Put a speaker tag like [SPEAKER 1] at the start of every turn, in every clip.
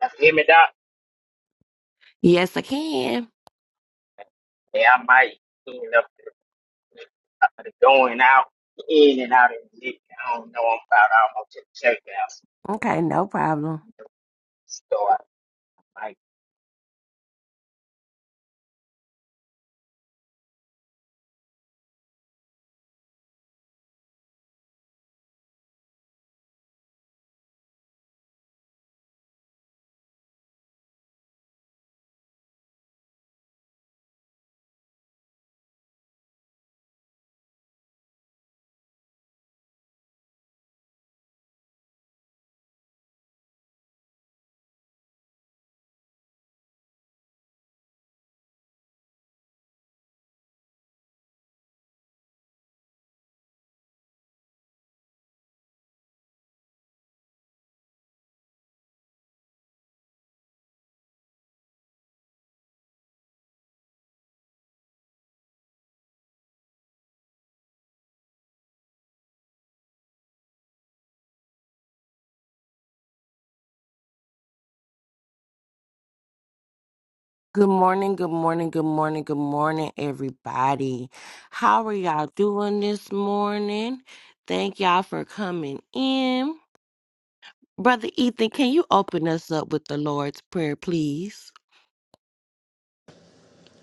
[SPEAKER 1] You Hear me, Doc?
[SPEAKER 2] Yes, I can.
[SPEAKER 1] Yeah, I might end up at the going out, in and out of the lift. I don't know. I'm about almost to the checkout.
[SPEAKER 2] Okay, no problem.
[SPEAKER 1] So I might.
[SPEAKER 2] Good morning, good morning, good morning, good morning, everybody. How are y'all doing this morning? Thank y'all for coming in. Brother Ethan, can you open us up with the Lord's Prayer, please?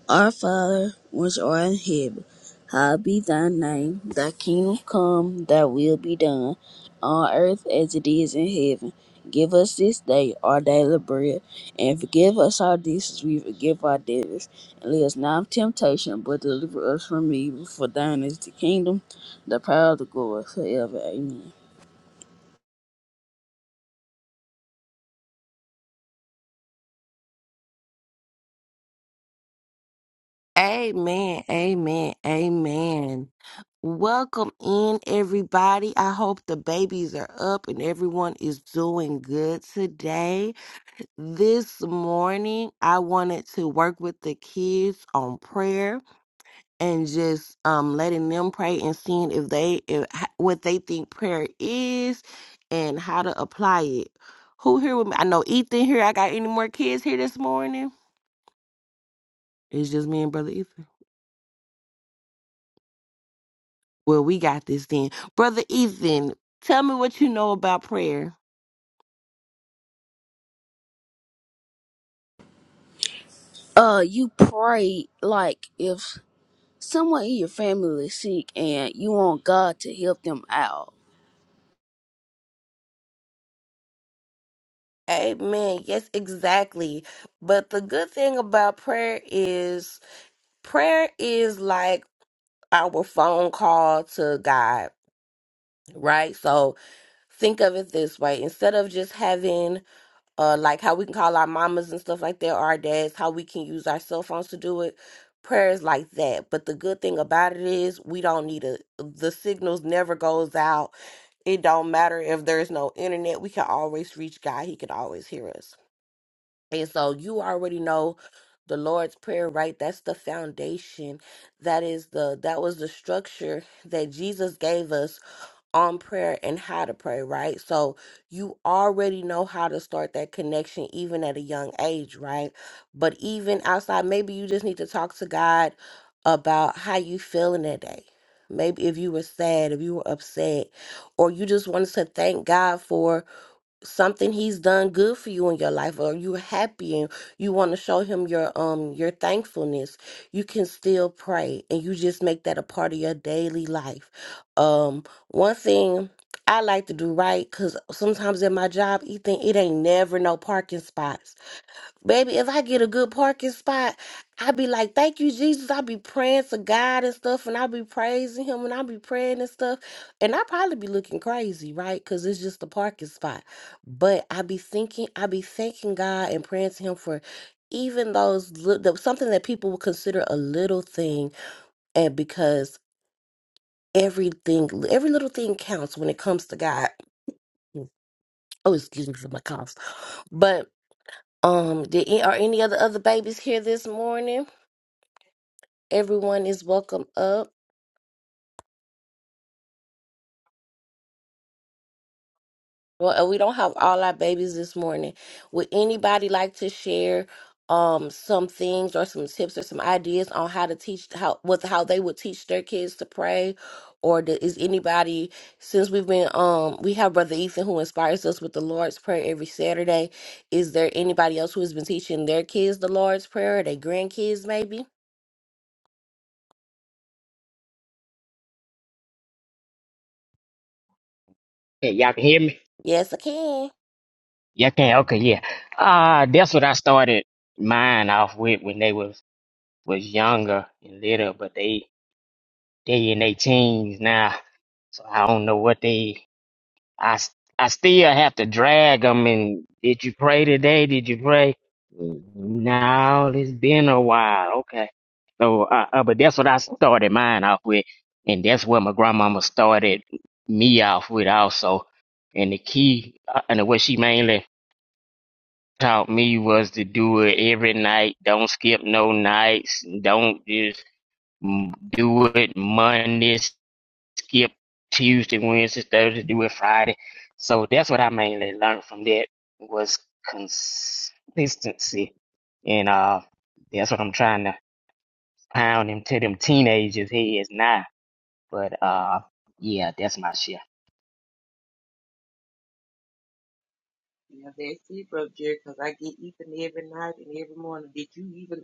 [SPEAKER 3] Our Father, which art in heaven, hallowed be thy name. Thy kingdom come, thy will be done, on earth as it is in heaven. Give us this day our daily bread, and forgive us our debts as we forgive our debtors. And lead us not into temptation, but deliver us from evil. For thine is the kingdom, the power, the glory, forever. Amen.
[SPEAKER 2] Amen, amen, amen. Welcome in, everybody. I hope the babies are up and everyone is doing good today. This morning, I wanted to work with the kids on prayer and just um, letting them pray and seeing if they if, h- what they think prayer is and how to apply it. Who here with me? I know Ethan here. I got any more kids here this morning? It's just me and brother Ethan. Well, we got this then, brother Ethan. Tell me what you know about prayer.
[SPEAKER 3] Uh, you pray like if someone in your family is sick and you want God to help them out
[SPEAKER 2] Amen. Yes, exactly. But the good thing about prayer is prayer is like. our phone call to God, right? So think of it this way instead of just having uh like how we can call our mamas and stuff like that or our dads, how we can use our cell phones to do it, prayers like that. But the good thing about it is we don't need a the signals never goes out. It don't matter if there's no internet, we can always reach God. He can always hear us. And so you already know the Lord's Prayer, right? That's the foundation. That is the that was the structure that Jesus gave us on prayer and how to pray, right? So you already know how to start that connection even at a young age, right? But even outside, maybe you just need to talk to God about how you feeling that day. Maybe if you were sad, if you were upset, or you just wanted to thank God for something he's done good for you in your life or you're happy and you want to show him your um your thankfulness you can still pray and you just make that a part of your daily life um one thing i like to do right because sometimes at my job ethan it ain't never no parking spots Baby, if I get a good parking spot, i be like, thank you, Jesus. i be praying to God and stuff, and i be praising Him, and i be praying and stuff. And i probably be looking crazy, right? Because it's just a parking spot. But i be thinking, i be thanking God and praying to Him for even those little, something that people would consider a little thing. And because everything, every little thing counts when it comes to God. Oh, excuse me for my coughs. But um, did, a- are any other other babies here this morning? Everyone is welcome up. Well, uh, we don't have all our babies this morning. Would anybody like to share um some things or some tips or some ideas on how to teach how with how they would teach their kids to pray? Or do, is anybody since we've been um we have Brother Ethan who inspires us with the Lord's Prayer every Saturday? Is there anybody else who has been teaching their kids the Lord's Prayer or their grandkids maybe?
[SPEAKER 1] Hey, y'all can hear me?
[SPEAKER 2] Yes, I can.
[SPEAKER 1] Y'all can? Okay, yeah. Uh, that's what I started mine off with when they was, was younger and little, but they they in their teens now. So I don't know what they I s- I still have to drag them. And did you pray today? Did you pray? No, it's been a while. Okay. So, uh, uh, but that's what I started mine off with, and that's what my grandmama started me off with also. And the key, uh, and what she mainly taught me was to do it every night. Don't skip no nights. Don't just mm, do it Monday skip Tuesday, Wednesday, Thursday, do it Friday. So that's what I mainly learned from that was consistency. And uh that's what I'm trying to pound into them teenagers' heads now. But uh yeah, that's my shit.
[SPEAKER 4] You have that sleep up, Jerry, 'cause I get Ethan every night and every morning. Did you even,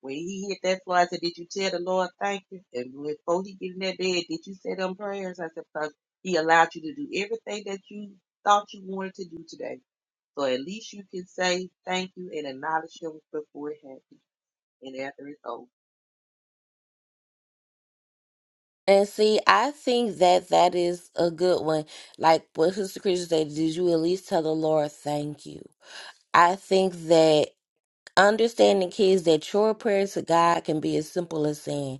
[SPEAKER 4] when he hit that floor, I said, Did you tell the Lord thank you? And when- before he get in that bed, did you say them prayers? I said, Because he allowed you to do everything that you thought you wanted to do today. So at least you can say thank you and acknowledge him before it happens and after it's over.
[SPEAKER 2] And see, I think that that is a good one. Like what Sister Christian said, did you at least tell the Lord thank you? I think that Understanding kids that your prayers to God can be as simple as saying,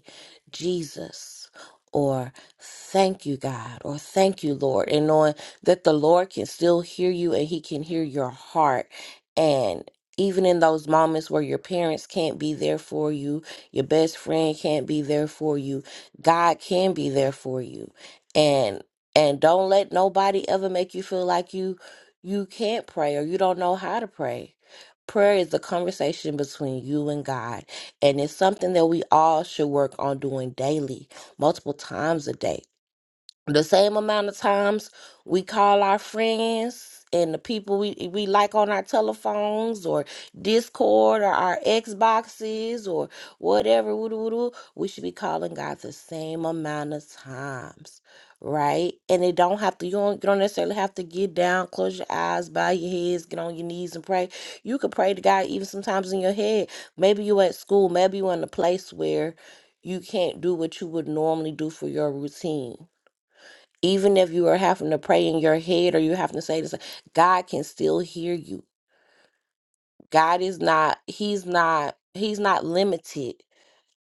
[SPEAKER 2] Jesus, or thank you, God, or thank you, Lord, and knowing that the Lord can still hear you and He can hear your heart. And even in those moments where your parents can't be there for you, your best friend can't be there for you, God can be there for you. And and don't let nobody ever make you feel like you you can't pray or you don't know how to pray Prayer is a conversation between you and God, and it's something that we all should work on doing daily, multiple times a day the same amount of times we call our friends and the people we, we like on our telephones or Discord or our Xboxes or whatever, woo-doo, woo-doo, we should be calling God the same amount of times, right? And it don't have to, you don't, you don't necessarily have to get down, close your eyes, bow your heads, get on your knees and pray. You could pray to God even sometimes in your head. Maybe you at school, maybe you in a place where you can't do what you would normally do for your routine even if you are having to pray in your head or you having to say this god can still hear you god is not he's not he's not limited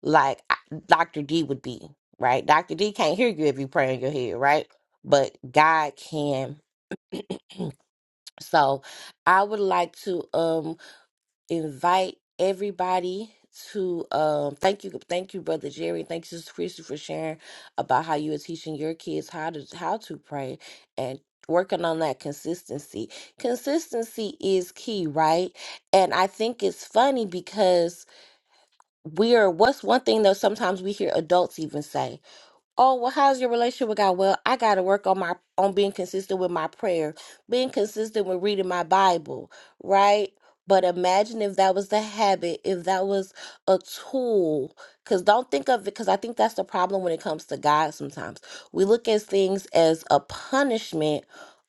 [SPEAKER 2] like I- dr d would be right dr d can't hear you if you pray in your head right but god can so i would like to um invite everybody to um thank you thank you brother jerry thank you sister christy for sharing about how you are teaching your kids how to how to pray and working on that consistency consistency is key right and i think it's funny because we are what's one thing that sometimes we hear adults even say Oh, well, how's your relationship with God? Well, I gotta work on my on being consistent with my prayer, being consistent with reading my Bible, right? But imagine if that was the habit, if that was a tool. Cause don't think of it, because I think that's the problem when it comes to God sometimes. We look at things as a punishment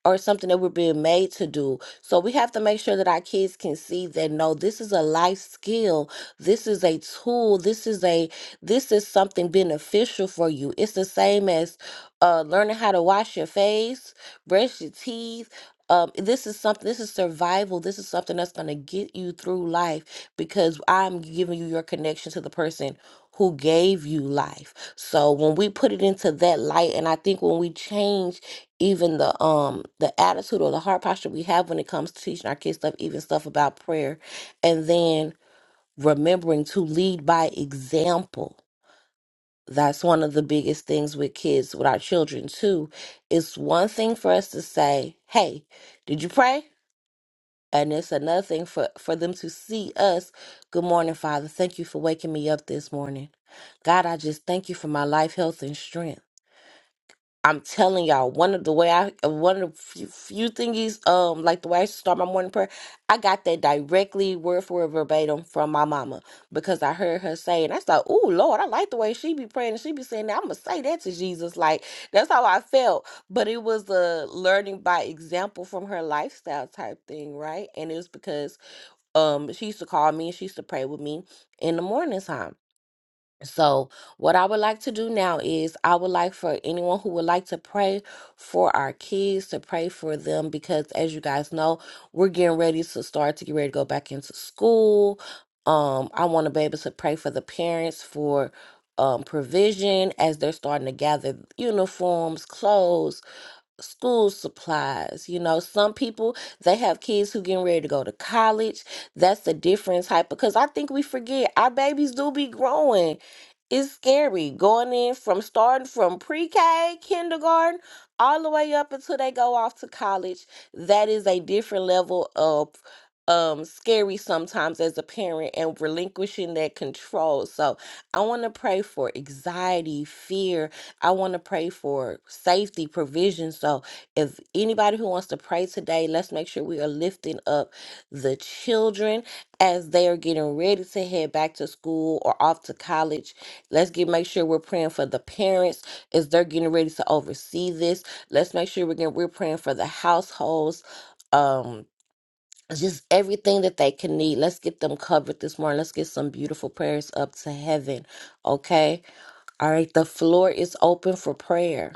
[SPEAKER 2] or something that we're being made to do. So we have to make sure that our kids can see that no, this is a life skill. This is a tool. This is a this is something beneficial for you. It's the same as uh, learning how to wash your face, brush your teeth. Um, this is something, this is survival. This is something that's going to get you through life because I'm giving you your connection to the person who gave you life. So when we put it into that light, and I think when we change even the um the attitude or the heart posture we have when it comes to teaching our kids stuff, even stuff about prayer, and then remembering to lead by example that's one of the biggest things with kids, with our children too. It's one thing for us to say, "Hey, did you pray?" And it's another thing for for them to see us. Good morning, Father. Thank you for waking me up this morning. God, I just thank you for my life, health, and strength. I'm telling y'all, one of the way I uh, one of the few, few thingies, um, like the way I start my morning prayer, I got that directly word for word verbatim from my mama because I heard her say, and I thought, "Ooh, Lord, I like the way she be praying and she be saying that. I'm gonna say that to Jesus." Like that's how I felt, but it was a learning by example from her lifestyle type thing, right? And it was because um she used to call me and she used to pray with me in the morning time so, what I would like to do now is I would like for anyone who would like to pray for our kids to pray for them because, as you guys know, we're getting ready to start to get ready to go back into school. Um, I want to be able to pray for the parents for um, provision as they're starting to gather uniforms, clothes, school supplies. You know, some people they have kids who getting ready to go to college. That's a different type because I think we forget our babies do be growing. It's scary going in from starting from pre-K, kindergarten, all the way up until they go off to college. That is a different level of um scary sometimes as a parent and relinquishing that control. So I want to pray for anxiety, fear, I want to pray for safety, provision. So, if anybody who wants to pray today, let's make sure we are lifting up the children as they are getting ready to head back to school or off to college. Let's get make sure we're praying for the parents as they're getting ready to oversee this. Let's make sure we're getting, we're praying for the households. Um, just everything that they can need. Let's get them covered this morning. Let's get some beautiful prayers up to heaven. Okay all right, the floor is open for prayer.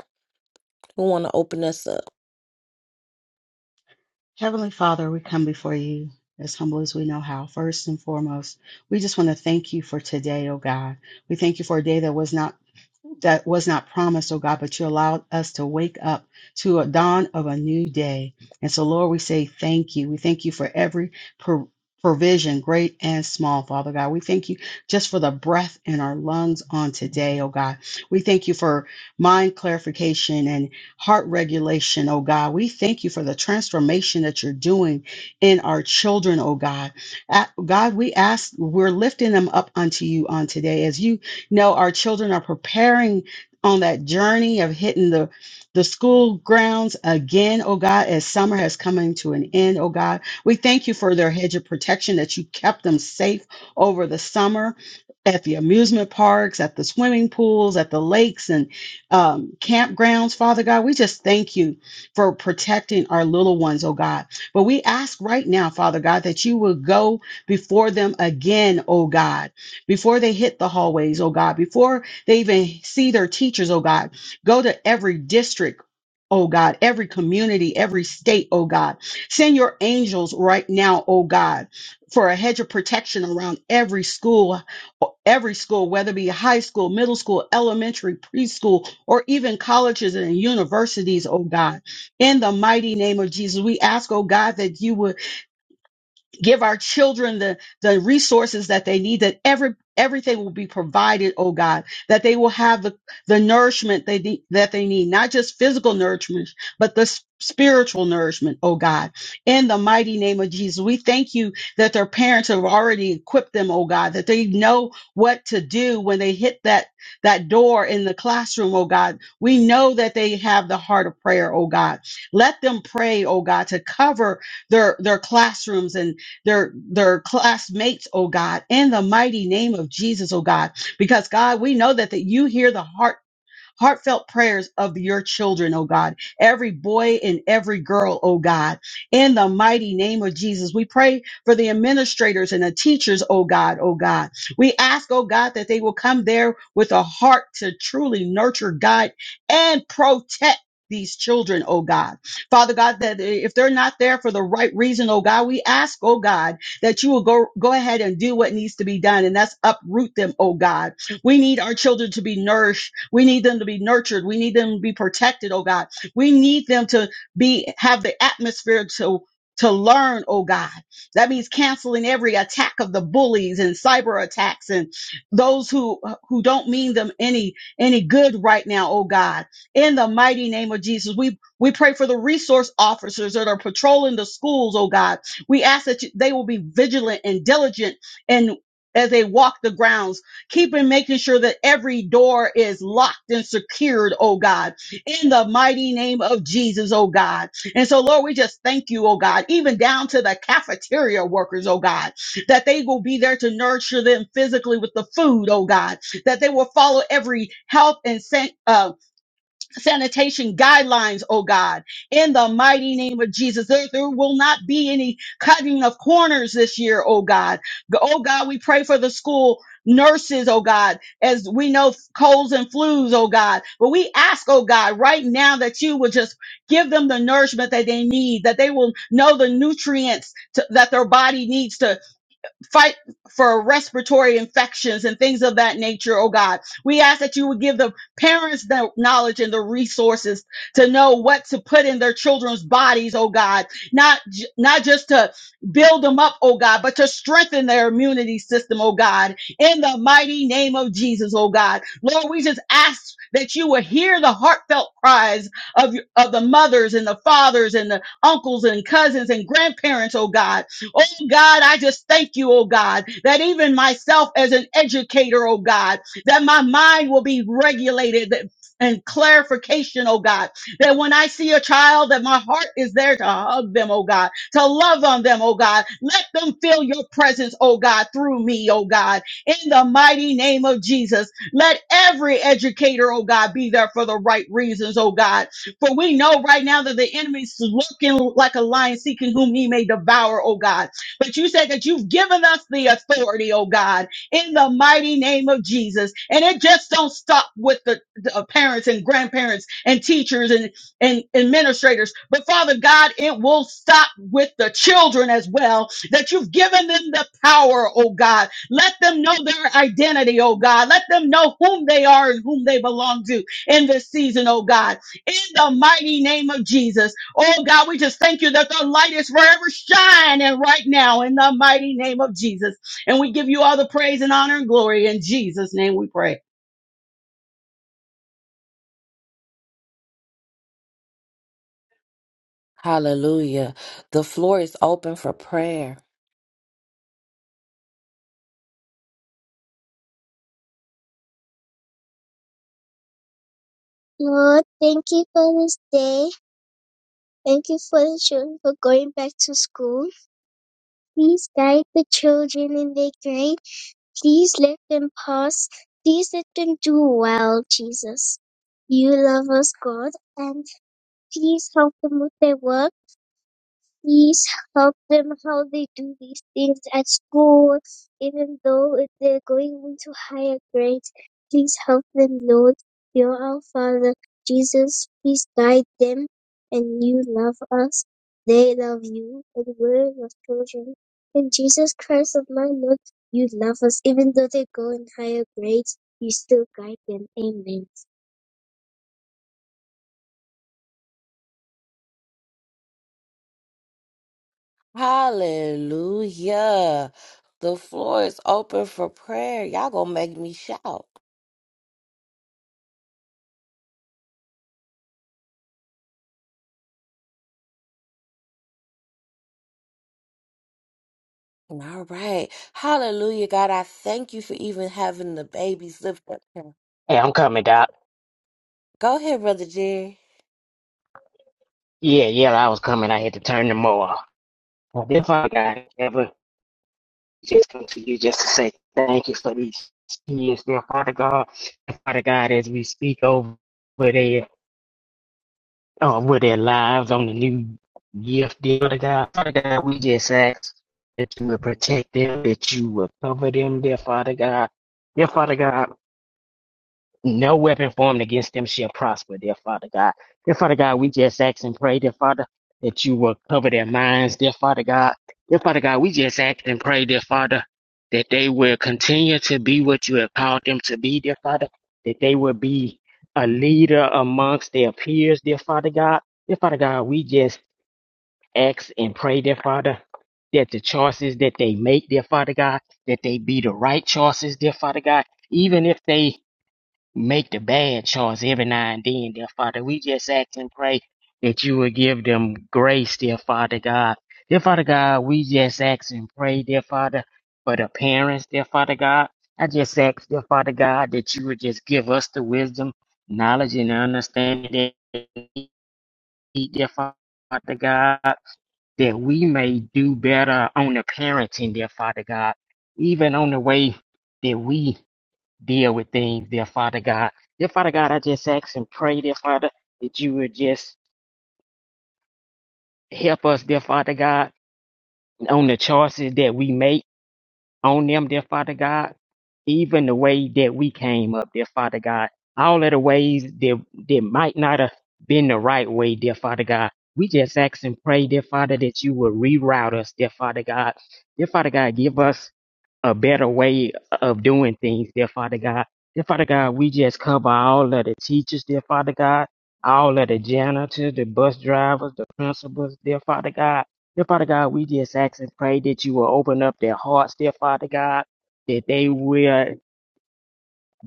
[SPEAKER 2] Who want to open us up?
[SPEAKER 5] Heavenly Father, we come before you as humble as we know how. First and foremost, we just want to thank you for today, oh God. We thank you for a day that was not that was not promised, oh God, but you allowed us to wake up to a dawn of a new day. And so, Lord, we say thank you. We thank you for every pro- provision, great and small, Father God. We thank you just for the breath in our lungs on today, oh God. We thank you for mind clarification and heart regulation, oh God. We thank you for the transformation that you're doing in our children, oh God. A- God, we ask, we're lifting them up unto you on today as you no, our children are preparing on that journey of hitting the the school grounds again, oh God, as summer has coming to an end, oh God. We thank you for their hedge of protection that you kept them safe over the summer at the amusement parks, at the swimming pools, at the lakes and um, campgrounds, Father God. We just thank you for protecting our little ones, oh God. But we ask right now, Father God, that you will go before them again, oh God before they hit the hallways, oh God, before they even see their teachers, oh God. Go to every district. Oh God, every community, every state, oh God. Send your angels right now, oh God, for a hedge of protection around every school, every school, whether it be high school, middle school, elementary, preschool, or even colleges and universities, oh God. In the mighty name of Jesus, we ask, oh God, that you would give our children the the resources that they need that every everything will be provided oh god that they will have the the nourishment they need that they need not just physical nourishment but the s- spiritual nourishment oh god in the mighty name of jesus we thank you that their parents have already equipped them oh god that they know what to do when they hit that that door in the classroom oh god we know that they have the heart of prayer oh god let them pray oh god to cover their their classrooms and their their classmates, oh God, in the mighty name of Jesus, oh God. Because God, we know that, that you hear the heart heartfelt prayers of your children, oh God, every boy and every girl, oh God, in the mighty name of Jesus. We pray for the administrators and the teachers, oh God, oh God. We ask, oh God, that they will come there with a heart to truly nurture, guide, and protect. These children, oh God. Father God, that if they're not there for the right reason, oh God, we ask, oh God, that you will go, go ahead and do what needs to be done, and that's uproot them, oh God. We need our children to be nourished we need them to be nurtured. We need them to be protected, oh God. We need them to be have the atmosphere to to learn, oh God. That means canceling every attack of the bullies and cyber attacks and those who who don't mean them any any good right now, oh God. In the mighty name of Jesus, we we pray for the resource officers that are patrolling the schools, oh God. We ask that you, they will be vigilant and diligent and as they walk the grounds keeping making sure that every door is locked and secured, oh God, in the mighty name of Jesus, oh God. And so, Lord, we just thank you, oh God, even down to the cafeteria workers, oh God, that they will be there to nurture them physically with the food, oh God, that they will follow every health and saint sanitation guidelines, oh God, in the mighty name of Jesus. There, there will not be any cutting of corners this year, oh God. G- Oh God, we pray for the school nurses, oh God, as we know colds and flus, oh God. But we ask, oh God, right now that you would just give them the nourishment that they need, that they will know the nutrients to, that their body needs fight for respiratory infections and things of that nature, oh God. We ask that you would give the parents the knowledge and the resources to know what to put in their children's bodies, oh God. Not j- not just to build them up, oh God, but to strengthen their immunity system, oh God. In the mighty name of Jesus, oh God. Lord, we just ask that you would hear the heartfelt cries of, of the mothers and the fathers and the uncles and cousins and grandparents, oh God Oh God, I just thank you, oh God, that even myself as an educator, oh God, that my mind will be regulated and clarification, oh God, that when I see a child, that my heart is there to hug them, oh God, to love on them, oh God. Let them feel your presence, oh God, through me, oh God, in the mighty name of Jesus. Let every educator, oh God, be there for the right reasons, oh God. For we know right now that the enemy's looking like a lion seeking whom he may devour, oh God. But you said that you've given us the authority, oh God, in the mighty name of Jesus. And it just don't stop with the, the uh, parents and grandparents and teachers and, and administrators. But Father God, it will stop with the children as well, that you've given them the power, oh God. Let them know their identity, oh God. Let them know whom they are and whom they belong to in this season, oh God in the mighty name of Jesus. Oh God, we just thank you that the light is forever shining right now in the mighty name of Jesus. And we give you all the praise and honor and glory in Jesus' name we pray.
[SPEAKER 2] Hallelujah. The floor is open for prayer.
[SPEAKER 6] Lord, thank you for this day. Thank you for the children for going back to school. Please guide the children in their grade. Please let them pass. Please let them do well, Jesus. You love us, God, and please help them with their work. please help them how they do these things at school, even though if they're going into higher grades. Please help them, Lord. You're our Father. Jesus, please guide them, and you love us. They love you, and we're your children. And Jesus Christ of my Lord, you love us. Even though they go in higher grades, you still guide them. Amen.
[SPEAKER 2] Hallelujah. The floor is open for prayer. Y'all going to make me shout. All right. Hallelujah, God. I thank you for even having the babies lift up. here.
[SPEAKER 1] Hey, I'm coming, Doc.
[SPEAKER 2] Go ahead, Brother Jerry.
[SPEAKER 1] Yeah, yeah, I was coming. I had to turn them off. But if I got ever just come to you just to say thank you for these kids, dear Father God, Father God, as we speak over there um, with their lives on the new gift deal to God. Father God, we just ask that you would protect them, that you would cover them, dear Father God. Dear Father God, no weapon formed against them shall prosper, dear Father God. Dear Father God, we just ask and pray, dear Father, that you will cover their minds, dear Father God. Dear Father God, we just ask and pray, dear Father, that they will continue to be what you have called them to be, dear Father, that they will be a leader amongst their peers, dear Father God. Dear Father God, we just ask and pray, dear Father, that the choices that they make, dear Father God, that they be the right choices, dear Father God, even if they make the bad choice every now and then, dear Father. We just ask and pray that you will give them grace, dear Father God. Dear Father God, we just ask and pray, dear Father, for the parents, dear Father God. I just ask, dear Father God, that you would just give us the wisdom, knowledge, and understanding that we need, dear Father God, that we may do better on the parenting, dear Father God, even on the way that we deal with things, dear Father God. Dear Father God, I just ask and pray, dear Father, that you would just help us, dear Father God, on the choices that we make on them, dear Father God, even the way that we came up, dear Father God. All of the ways that, that might not have been the right way, dear Father God. We just ask and pray, dear Father, that you will reroute us, dear Father God. Dear Father God, give us a better way of doing things, dear Father God. Dear Father God, we just cover all of the teachers, dear Father God, all of the janitors, the bus drivers, the principals, dear Father God. Dear Father God, we just ask and pray that you will open up their hearts, dear Father God, that they will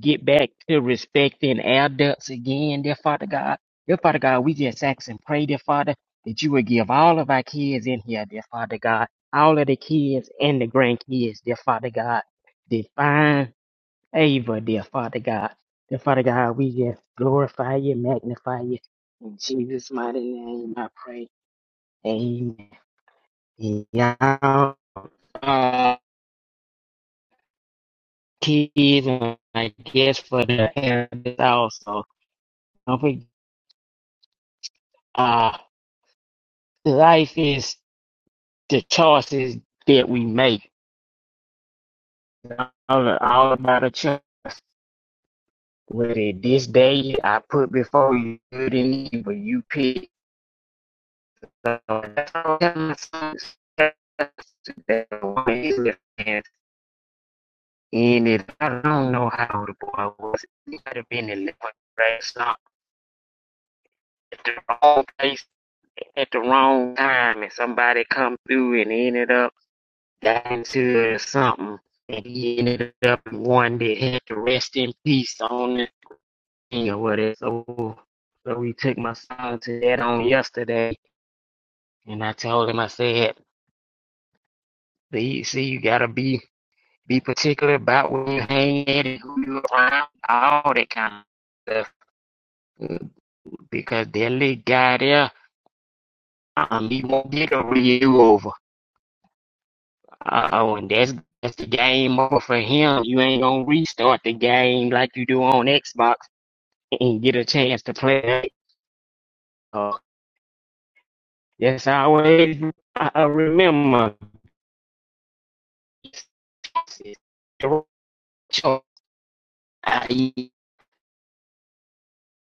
[SPEAKER 1] get back to respecting adults again, dear Father God. Dear Father God, we just ask and pray, dear Father, that you would give all of our kids in here, dear Father God, all of the kids and the grandkids, dear Father God, divine favor, dear Father God. Dear Father God, we just glorify you, magnify you. In Jesus' mighty name, I pray. Amen. Y'all, uh, kids, and I guess for the parents also. Don't forget. uh, life is the choices that we make. All, all about a choice. Whether this day I put before you good and evil, you pick. So that's all I'm And and if I don't know how the boy was, he might have been in the right spot at the wrong place at the wrong time, and somebody come through and ended up. got into something and he ended up one that had to rest in peace on the thing or whatever. So, so we took my son to that on yesterday and I told him I said, see, see you gotta be be particular about where you hang at and who you around, all that kind of stuff. Because that little guy there, um, he won't get a real over. Uh oh, and that's that's the game over for him. You ain't gonna restart the game like you do on Xbox and get a chance to play. Uh, yes, I always I I remember. I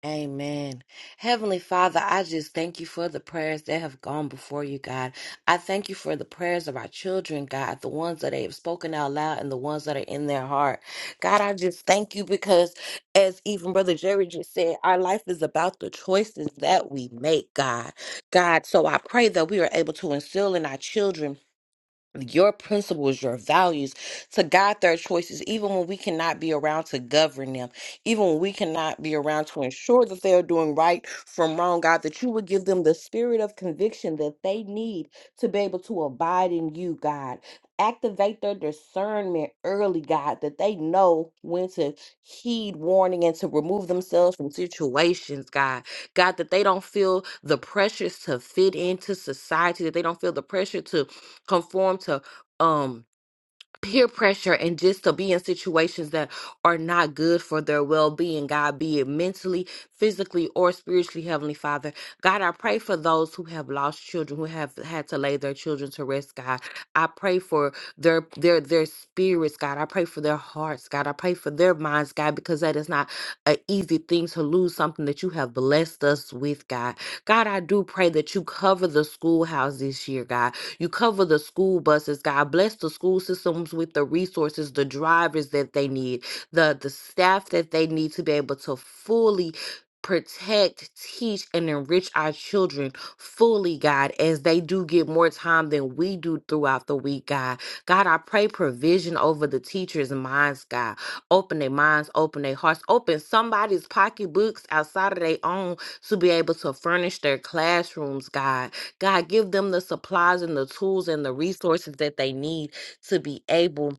[SPEAKER 2] Amen. Heavenly Father, I just thank you for the prayers that have gone before you, God. I thank you for the prayers of our children, God, the ones that they have spoken out loud and the ones that are in their heart. God, I just thank you because, as even Brother Jerry just said, our life is about the choices that we make, God. God, so I pray that we are able to instill in our children your principles, your values to guide their choices, even when we cannot be around to govern them, even when we cannot be around to ensure that they are doing right from wrong, God, that you would give them the spirit of conviction that they need to be able to abide in you, God. Activate their discernment early, God, that they know when to heed warning and to remove themselves from situations, God. God, that they don't feel the pressures to fit into society, that they don't feel the pressure to conform to um peer pressure and just to be in situations that are not good for their well-being god be it mentally physically or spiritually heavenly father god i pray for those who have lost children who have had to lay their children to rest god i pray for their their their spirits god i pray for their hearts god i pray for their minds god because that is not an easy thing to lose something that you have blessed us with god god i do pray that you cover the schoolhouse this year god you cover the school buses, God. Bless the school systems with the resources, the drivers that they need, the, the staff that they need to be able to fully protect, teach, and enrich our children fully, God, as they do get more time than we do throughout the week, God. God, I pray provision over the teachers' minds, God. Open their minds, open their hearts, open somebody's pocketbooks outside of their own to be able to furnish their classrooms, God God, give them the supplies and the tools and the resources that they need to be able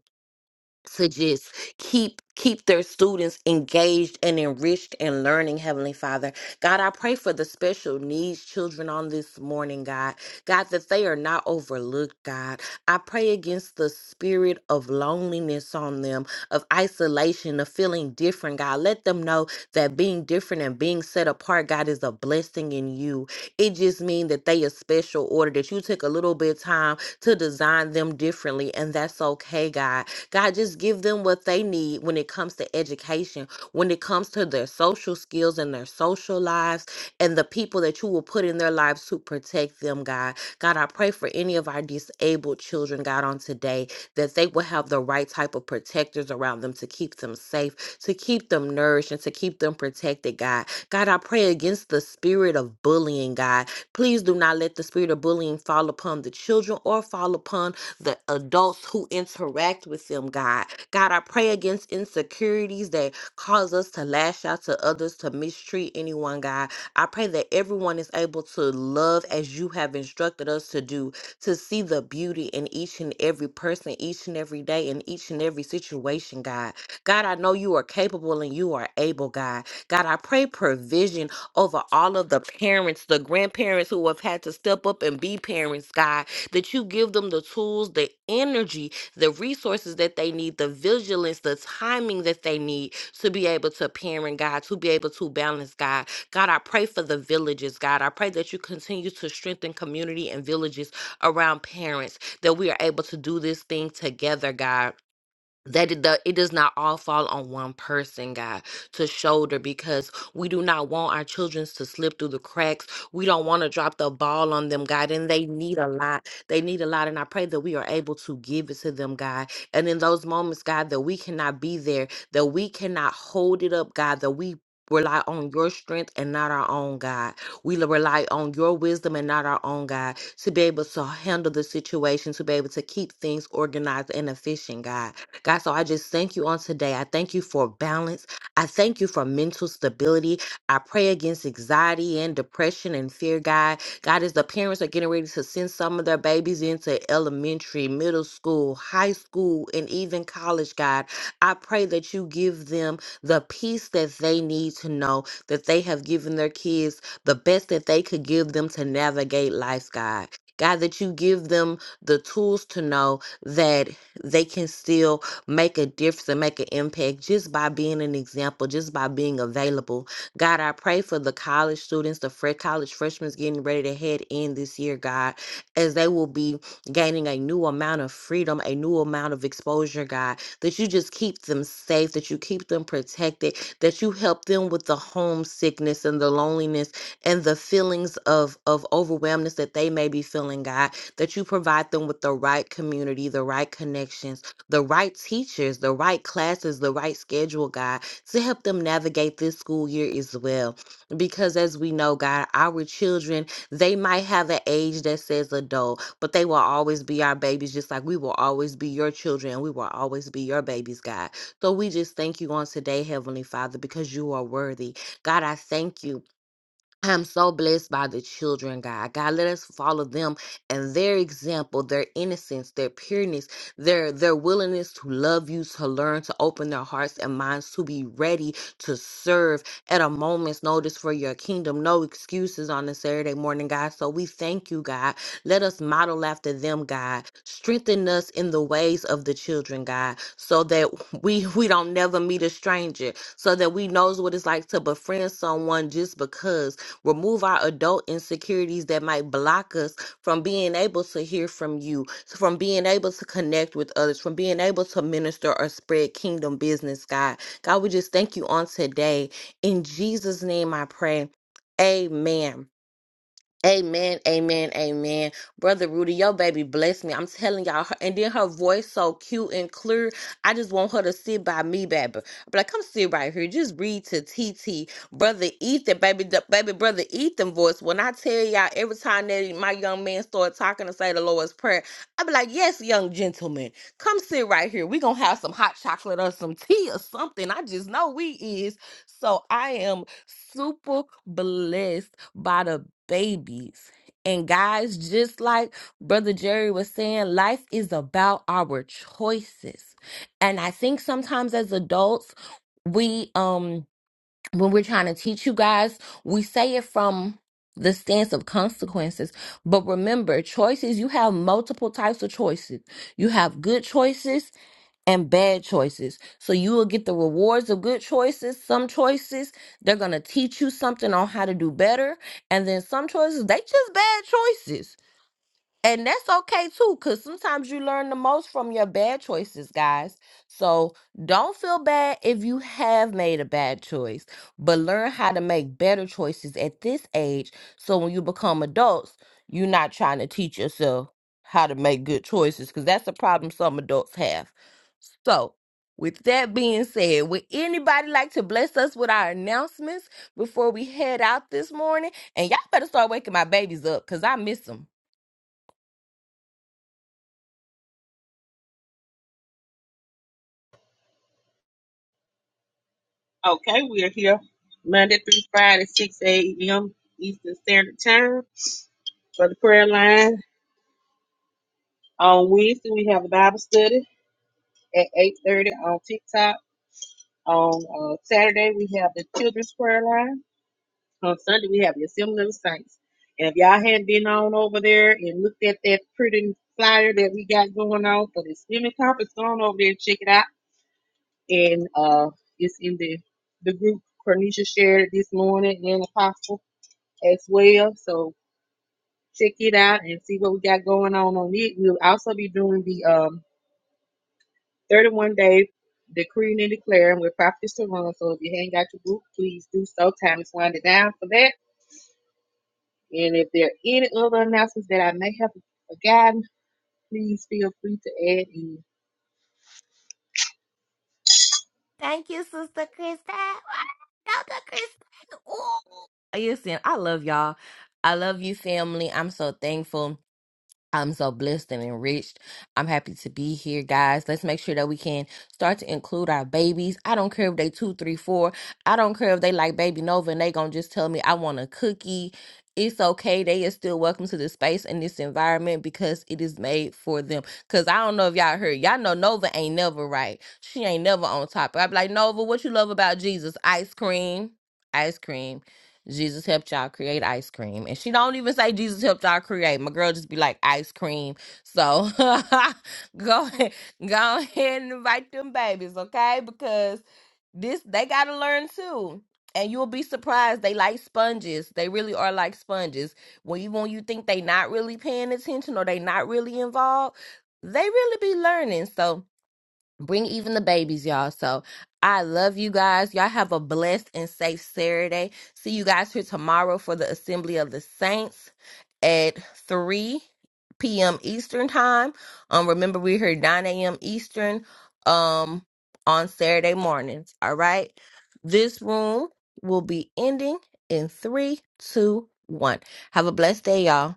[SPEAKER 2] to just keep keep their students engaged and enriched and learning heavenly father god i pray for the special needs children on this morning god god that they are not overlooked god i pray against the spirit of loneliness on them of isolation of feeling different god let them know that being different and being set apart god is a blessing in you it just means that they a special order that you took a little bit of time to design them differently and that's okay god God, just give them what they need when it comes to education, when it comes to their social skills and their social lives, and the people that you will put in their lives to protect them, God. God, I pray for any of our disabled children, God, on today, that they will have the right type of protectors around them to keep them safe, to keep them nourished, and to keep them protected, God. God, I pray against the spirit of bullying, God. Please do not let the spirit of bullying fall upon the children or fall upon the adults who interact with them, God. God, I pray against insecurities that cause us to lash out to others, to mistreat anyone, God. I pray that everyone is able to love as you have instructed us to do, to see the beauty in each and every person, each and every day, in each and every situation, God. God, I know you are capable and you are able, God. God, I pray provision over all of the parents, the grandparents who have had to step up and be parents, God that you give them the tools, the energy, the resources that they need, the vigilance, the timing that they need to be able to parent God, to be able to balance God. God, I pray for the villages, God. I pray that you continue to strengthen community and villages around parents, that we are able to do this thing together, God that it, do- it does not all fall on one person, God, to shoulder because we do not want our children to slip through the cracks. We don't want to drop the ball on them, God, and they need a lot. They need a lot, and I pray that we are able to give it to them, God. And in those moments, God, that we cannot be there, that we cannot hold it up, God, that we rely on your strength and not our own, God. We l- rely on your wisdom and not our own, God, to be able to handle the situation, to be able to keep things organized and efficient, God. God, so I just thank you on today. I thank you for balance. I thank you for mental stability. I pray against anxiety and depression and fear, God. God, as the parents are getting ready to send some of their babies into elementary, middle school, high school, and even college, God, I pray that you give them the peace that they need to know that they have given their kids the best that they could give them to navigate life, God. God, that you give them the tools to know that they can still make a difference and make an impact just by being an example, just by being available. God, I pray for the college students, the fresh college freshmen getting ready to head in this year, God, as they will be gaining a new amount of freedom, a new amount of exposure, God, that you just keep them safe, that you keep them protected, that you help them with the homesickness and the loneliness and the feelings of of overwhelmness that they may be feeling, God, that you provide them with the right community, the right connections, the right teachers, the right classes, the right schedule, God, to help them navigate this school year as well. Because as we know, God, our children, they might have an age that says adult, but they will always be our babies, just like we will always be your children and we will always be your babies, God. So we just thank you on today, Heavenly Father, because you are worthy. God, I thank you I'm so blessed by the children, God. God, let us follow them and their example, their innocence, their pureness, their their willingness to love you, to learn, to open their hearts and minds, to be ready to serve at a moment's notice for your kingdom. No excuses on a Saturday morning, God. So we thank you, God. Let us model after them, God. Strengthen us in the ways of the children, God, so that we we don't never meet a stranger, so that we knows what it's like to befriend someone just because Remove our adult insecurities that might block us from being able to hear from you, so from being able to connect with others, from being able to minister or spread kingdom business, God. God, we just thank you on today. In Jesus' name I pray. Amen. Amen, amen, amen. Brother Rudy, your baby bless me. I'm telling y'all. her- And then her voice so cute and clear. I just want her to sit by me, baby. But like, come sit right here. Just read to TT. Brother Ethan, baby, the baby brother Ethan voice. When I tell y'all every time that my young man start talking to say the Lord's Prayer, I be like, yes, young gentleman, come sit right here. We gonna have some hot chocolate or some tea or something. I just know we is. So I am super blessed by the babies. And guys, just like Brother Jerry was saying, life is about our choices. And I think sometimes as adults, we um when we're trying to teach you guys, we say it from the stance of consequences. But remember, choices, you have multiple types of choices. You have good choices and bad choices. So you will get the rewards of good choices. Some choices, they're going to teach you something on how to do better. And then some choices, they just bad choices. And that's okay too, because sometimes you learn the most from your bad choices, guys. So don't feel bad if you have made a bad choice, but learn how to make better choices at this age. So when you become adults, you're not trying to teach yourself how to make good choices, because that's a problem some adults have. So, with that being said, would anybody like to bless us with our announcements before we head out this morning? And y'all better start waking my babies up because I miss them.
[SPEAKER 4] Okay, we are here Monday through Friday, 6 a.m. Eastern Standard Time for the prayer line. On Wednesday, we have a Bible study. at 8.30 on TikTok. On uh, Saturday, we have the Children's Prayer Line. On Sunday, we have the Assembly of Saints. And if y'all hadn't been on over there and looked at that pretty flyer that we got going on for the swimming conference, go on over there and check it out. And uh, it's in the, the group Cornisha shared it this morning and Apostle as well. So check it out and see what we got going on on it. We'll also be doing the um, 31 day decreeing and declaring with properties to run. So if you haven't got your book, please do so. Time is winding down for that. And if there are any other announcements that I may have forgotten, please feel free to add in.
[SPEAKER 2] Thank you, Sister Krista. Dr. Krista. Ooh. Listen, I love y'all. I love you, family. I'm so thankful. I'm so blessed and enriched. I'm happy to be here, guys. Let's make sure that we can start to include our babies. I don't care if they two, three, four. I don't care if they like baby Nova and they gonna just tell me I want a cookie. It's okay. They are still welcome to this space and this environment because it is made for them. Cause I don't know if y'all heard. Y'all know Nova ain't never right. She ain't never on top. i be like, Nova, what you love about Jesus? Ice cream. Ice cream. Jesus helped y'all create ice cream. And she don't even say Jesus helped y'all create. My girl just be like ice cream. So go ahead, go ahead and invite them babies, okay? Because this they gotta learn too. And you'll be surprised. They like sponges. They really are like sponges. When you when you think they not really paying attention or they not really involved, they really be learning. So Bring even the babies, y'all. So I love you guys. Y'all have a blessed and safe Saturday. See you guys here tomorrow for the Assembly of the Saints at 3 p.m. Eastern time. Um, remember we're here 9 a.m. Eastern um on Saturday mornings. All right. This room will be ending in three, two, one. Have a blessed day, y'all.